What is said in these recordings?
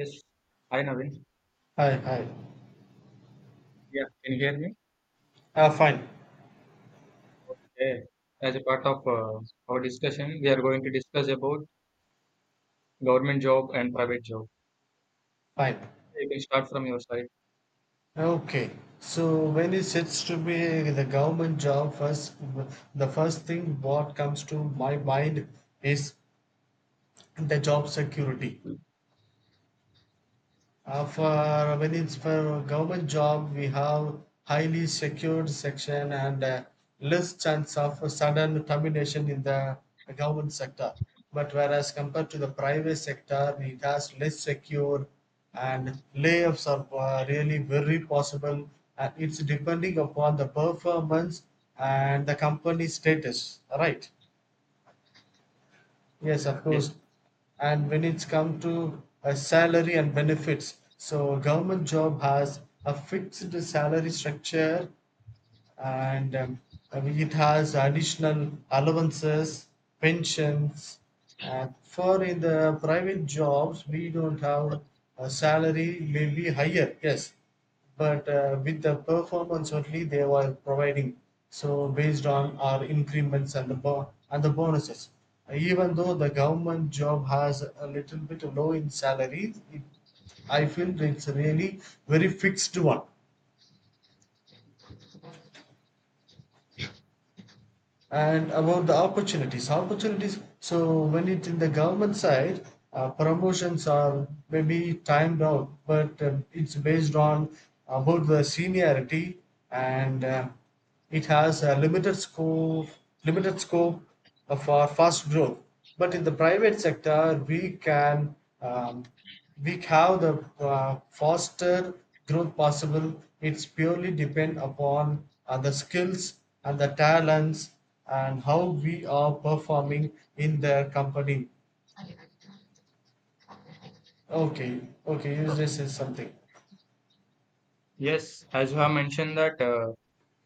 Yes. Hi, Navin. Hi, hi. Yeah, can you hear me? Fine, Okay. As a part of our discussion, we are going to discuss about government job and private job. fine. You can start from your side. Okay. So when it sets to be the government job first, the first thing what comes to my mind is the job security. For when it's for government job, we have highly secured section and less chance of sudden termination in the government sector. But whereas compared to the private sector, it has less secure and layoffs are really very possible. And it's depending upon the performance and the company status. Right. Yes, of Yes. course. And when it's come to salary and benefits, so government job has a fixed salary structure and it has additional allowances, pensions. And for in the private jobs, we don't have a salary may be higher, yes, but with the performance only they were providing. So based on our increments and the and the bonuses, even though the government job has a little bit low in salary, it, I feel it's really very fixed one. And about the opportunities, opportunities. So when it's in the government side, promotions are maybe timed out, but it's based on about the seniority, and it has a limited scope for fast growth. But in the private sector, we can um, we have the faster growth possible, it's purely depend upon the skills and the talents and how we are performing in their company. Okay. Okay, you just said something. Yes. As you have mentioned that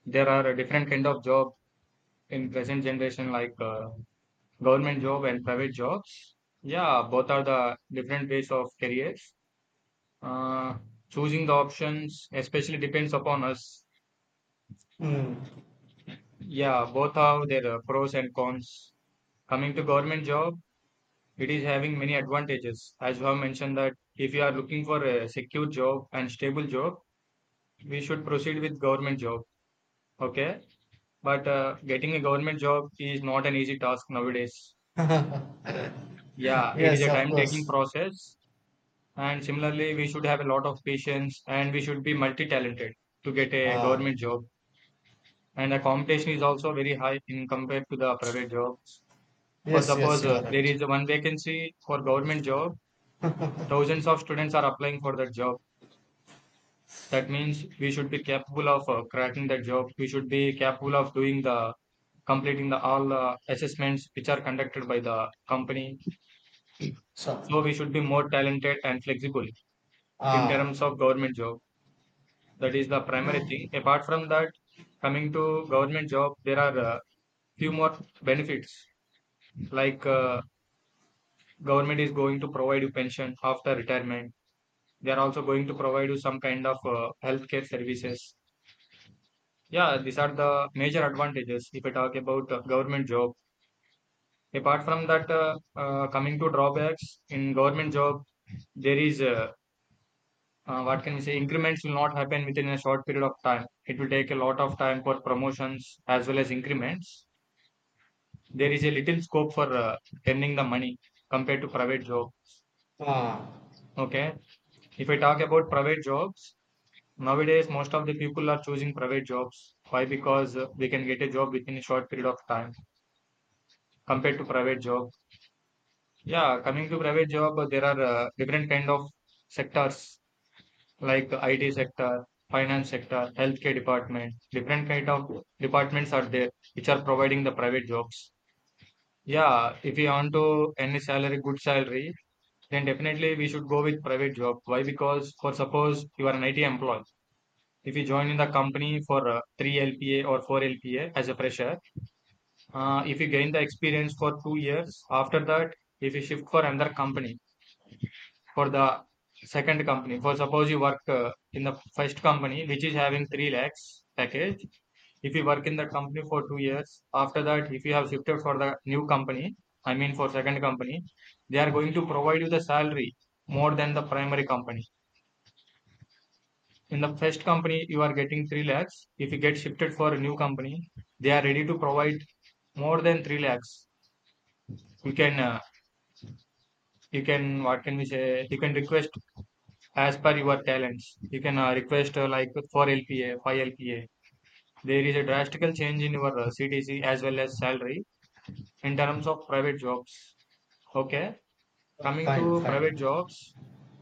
there are a different kind of job in present generation, like government job and private jobs. Yeah, both are the different ways of careers. Uh, Choosing the options especially depends upon us. Hmm. Yeah, both have their pros and cons. Coming to government job. It is having many advantages. As you have mentioned that if you are looking for a secure job and stable job, we should proceed with government job. Okay, but getting a government job is not an easy task nowadays. Yeah, it is Yes, a of time-taking course. process, and similarly, we should have a lot of patience and we should be multi-talented to get a Ah. government job. And the competition is also very high in compared to the private jobs. For Yes, yes, suppose you are there right. is one vacancy for government job, thousands of students are applying for that job. That means we should be capable of cracking that job. We should be capable of doing the completing the all assessments which are conducted by the company. So. So we should be more talented and flexible in Ah. terms of government job. That is the primary thing. Apart from that, coming to government job, there are few more benefits like government is going to provide you pension after retirement. They are also going to provide you some kind of healthcare services. Yeah, these are the major advantages if we talk about government job. Apart from that, coming to drawbacks in government job, there is what can we say? Increments will not happen within a short period of time. It will take a lot of time for promotions as well as increments. There is a little scope for earning the money compared to private job. Ah, Okay, if we talk about private jobs, nowadays most of the people are choosing private jobs. Why? Because we can get a job within a short period of time compared to private job. Yeah, coming to private job, there are different kind of sectors like IT sector, finance sector, healthcare department. Different kind of departments are there which are providing the private jobs. Yeah, if you want to any salary, good salary, then definitely we should go with private job. Why? Because for suppose you are an IT employee. If you join in the company for 3 LPA or 4 LPA as a fresher, if you gain the experience for 2 years, after that, if you shift for another company, for the second company, for suppose you work in the first company which is having 3 lakhs package. If you work in the company for 2 years, after that, if you have shifted for the new company, I mean for second company, they are going to provide you the salary more than the primary company. In the first company you are getting 3 lakhs. If you get shifted for a new company, they are ready to provide more than 3 lakhs. You can uh, you can what can we say, you can request as per your talents. You can request like for LPA, 5 LPA. There is a drastical change in your CTC as well as salary in terms of private jobs. Okay, coming fine, to fine. private jobs,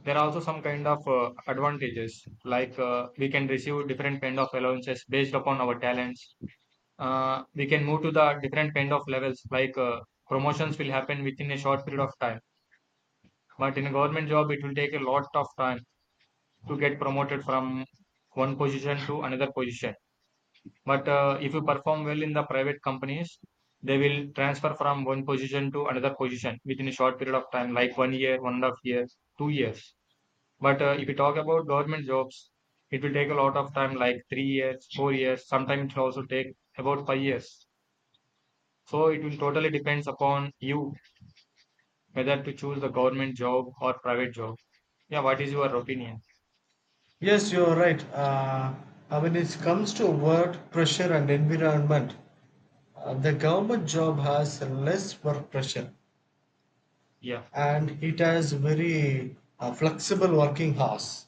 there are also some kind of advantages like we can receive different kind of allowances based upon our talents. We can move to the different kind of levels like promotions will happen within a short period of time. But in a government job, it will take a lot of time to get promoted from one position to another position. But if you perform well in the private companies, they will transfer from one position to another position within a short period of time, like one year, 1.5 years, 2 years. But if you talk about government jobs, it will take a lot of time, like 3 years, 4 years. Sometimes it will also take about 5 years. So it will totally depends upon you whether to choose the government job or private job. Yeah, what is your opinion? Yes, you are right. When it comes to work pressure and environment, the government job has less work pressure Yeah, and it has very flexible working hours.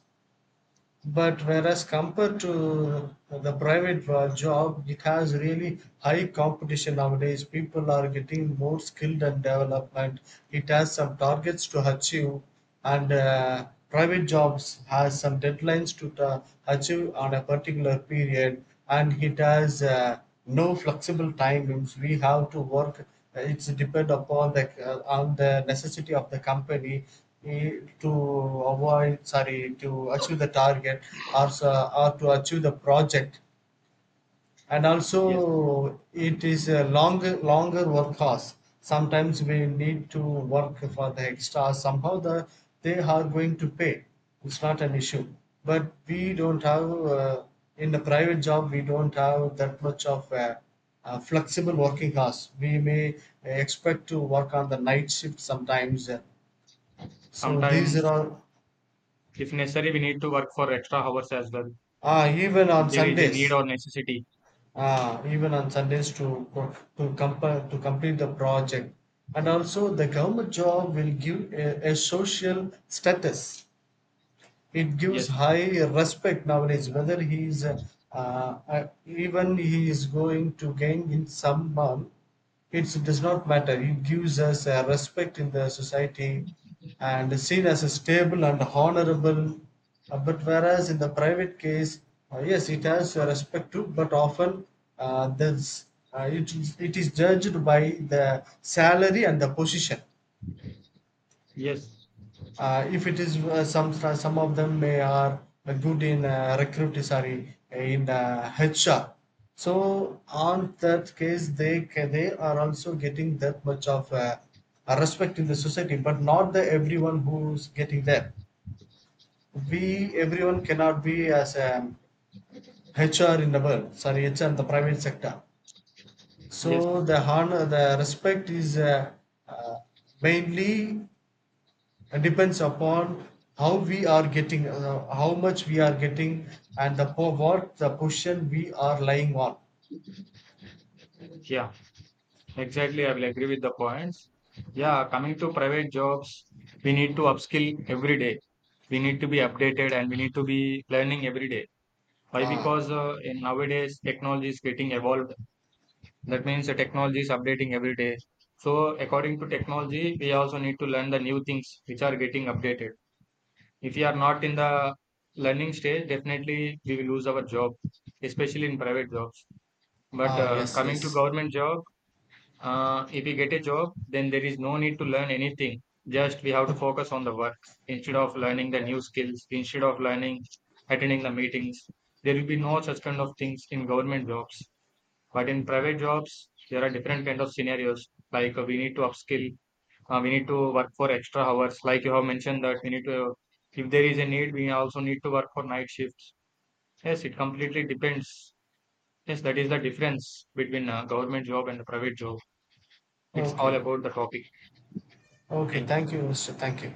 But whereas compared to the private job, it has really high competition nowadays. People are getting more skilled and development. It has some targets to achieve, and private jobs has some deadlines to achieve on a particular period, and it has. No flexible time means we have to work, it's depend upon the on the necessity of the company, to avoid, sorry, to achieve the target or, or to achieve the project. And yes. also it is a longer work hours. Sometimes we need to work for the extra, somehow the they are going to pay, it's not an issue. But we don't have in the private job we don't have that much of flexible working hours. We may expect to work on the night shift sometimes. So these are Sometimes, all. if necessary, we need to work for extra hours as well. Ah, even on There is a need sundays. or necessity. Even on Sundays to co- to compare to complete the project. And also, the government job will give a social status, it gives Yes, high respect nowadays whether he is even he is going to gain in some amount, it does not matter, he gives us a respect in the society and is seen as a stable and honorable. But whereas in the private case, yes it has a respect too but often uh, there's, it is judged by the salary and the position. yes, If it is some of them may are good in recruit sorry in HR so on that case they they are also getting that much of a respect in the society but not the everyone who's getting that. We everyone cannot be as a HR in the world, sorry HR in the private sector. yes. So the honor, the respect is uh, mainly and depends upon how we are getting, how much we are getting and the what the position we are lying on. Yeah, exactly. I will agree with the points. Yeah, coming to private jobs, we need to upskill every day. We need to be updated and we need to be learning every day. Why? Ah. Because in nowadays technology is getting evolved. That means the technology is updating every day. So according to technology, we also need to learn the new things which are getting updated. If we are not in the learning stage, definitely we will lose our job, especially in private jobs. But Ah, yes, coming yes. to government job, if we get a job, then there is no need to learn anything. Just we have to focus on the work instead of learning the new skills, instead of learning attending the meetings. There will be no such kind of things in government jobs. But in private jobs, there are different kind of scenarios. Like we need to upskill, we need to work for extra hours. Like you have mentioned that we need to, if there is a need, we also need to work for night shifts. Yes, it completely depends. Yes, that is the difference between government job and the private job. It's all Okay. about the topic. Okay, Thank you. thank you mr, thank you.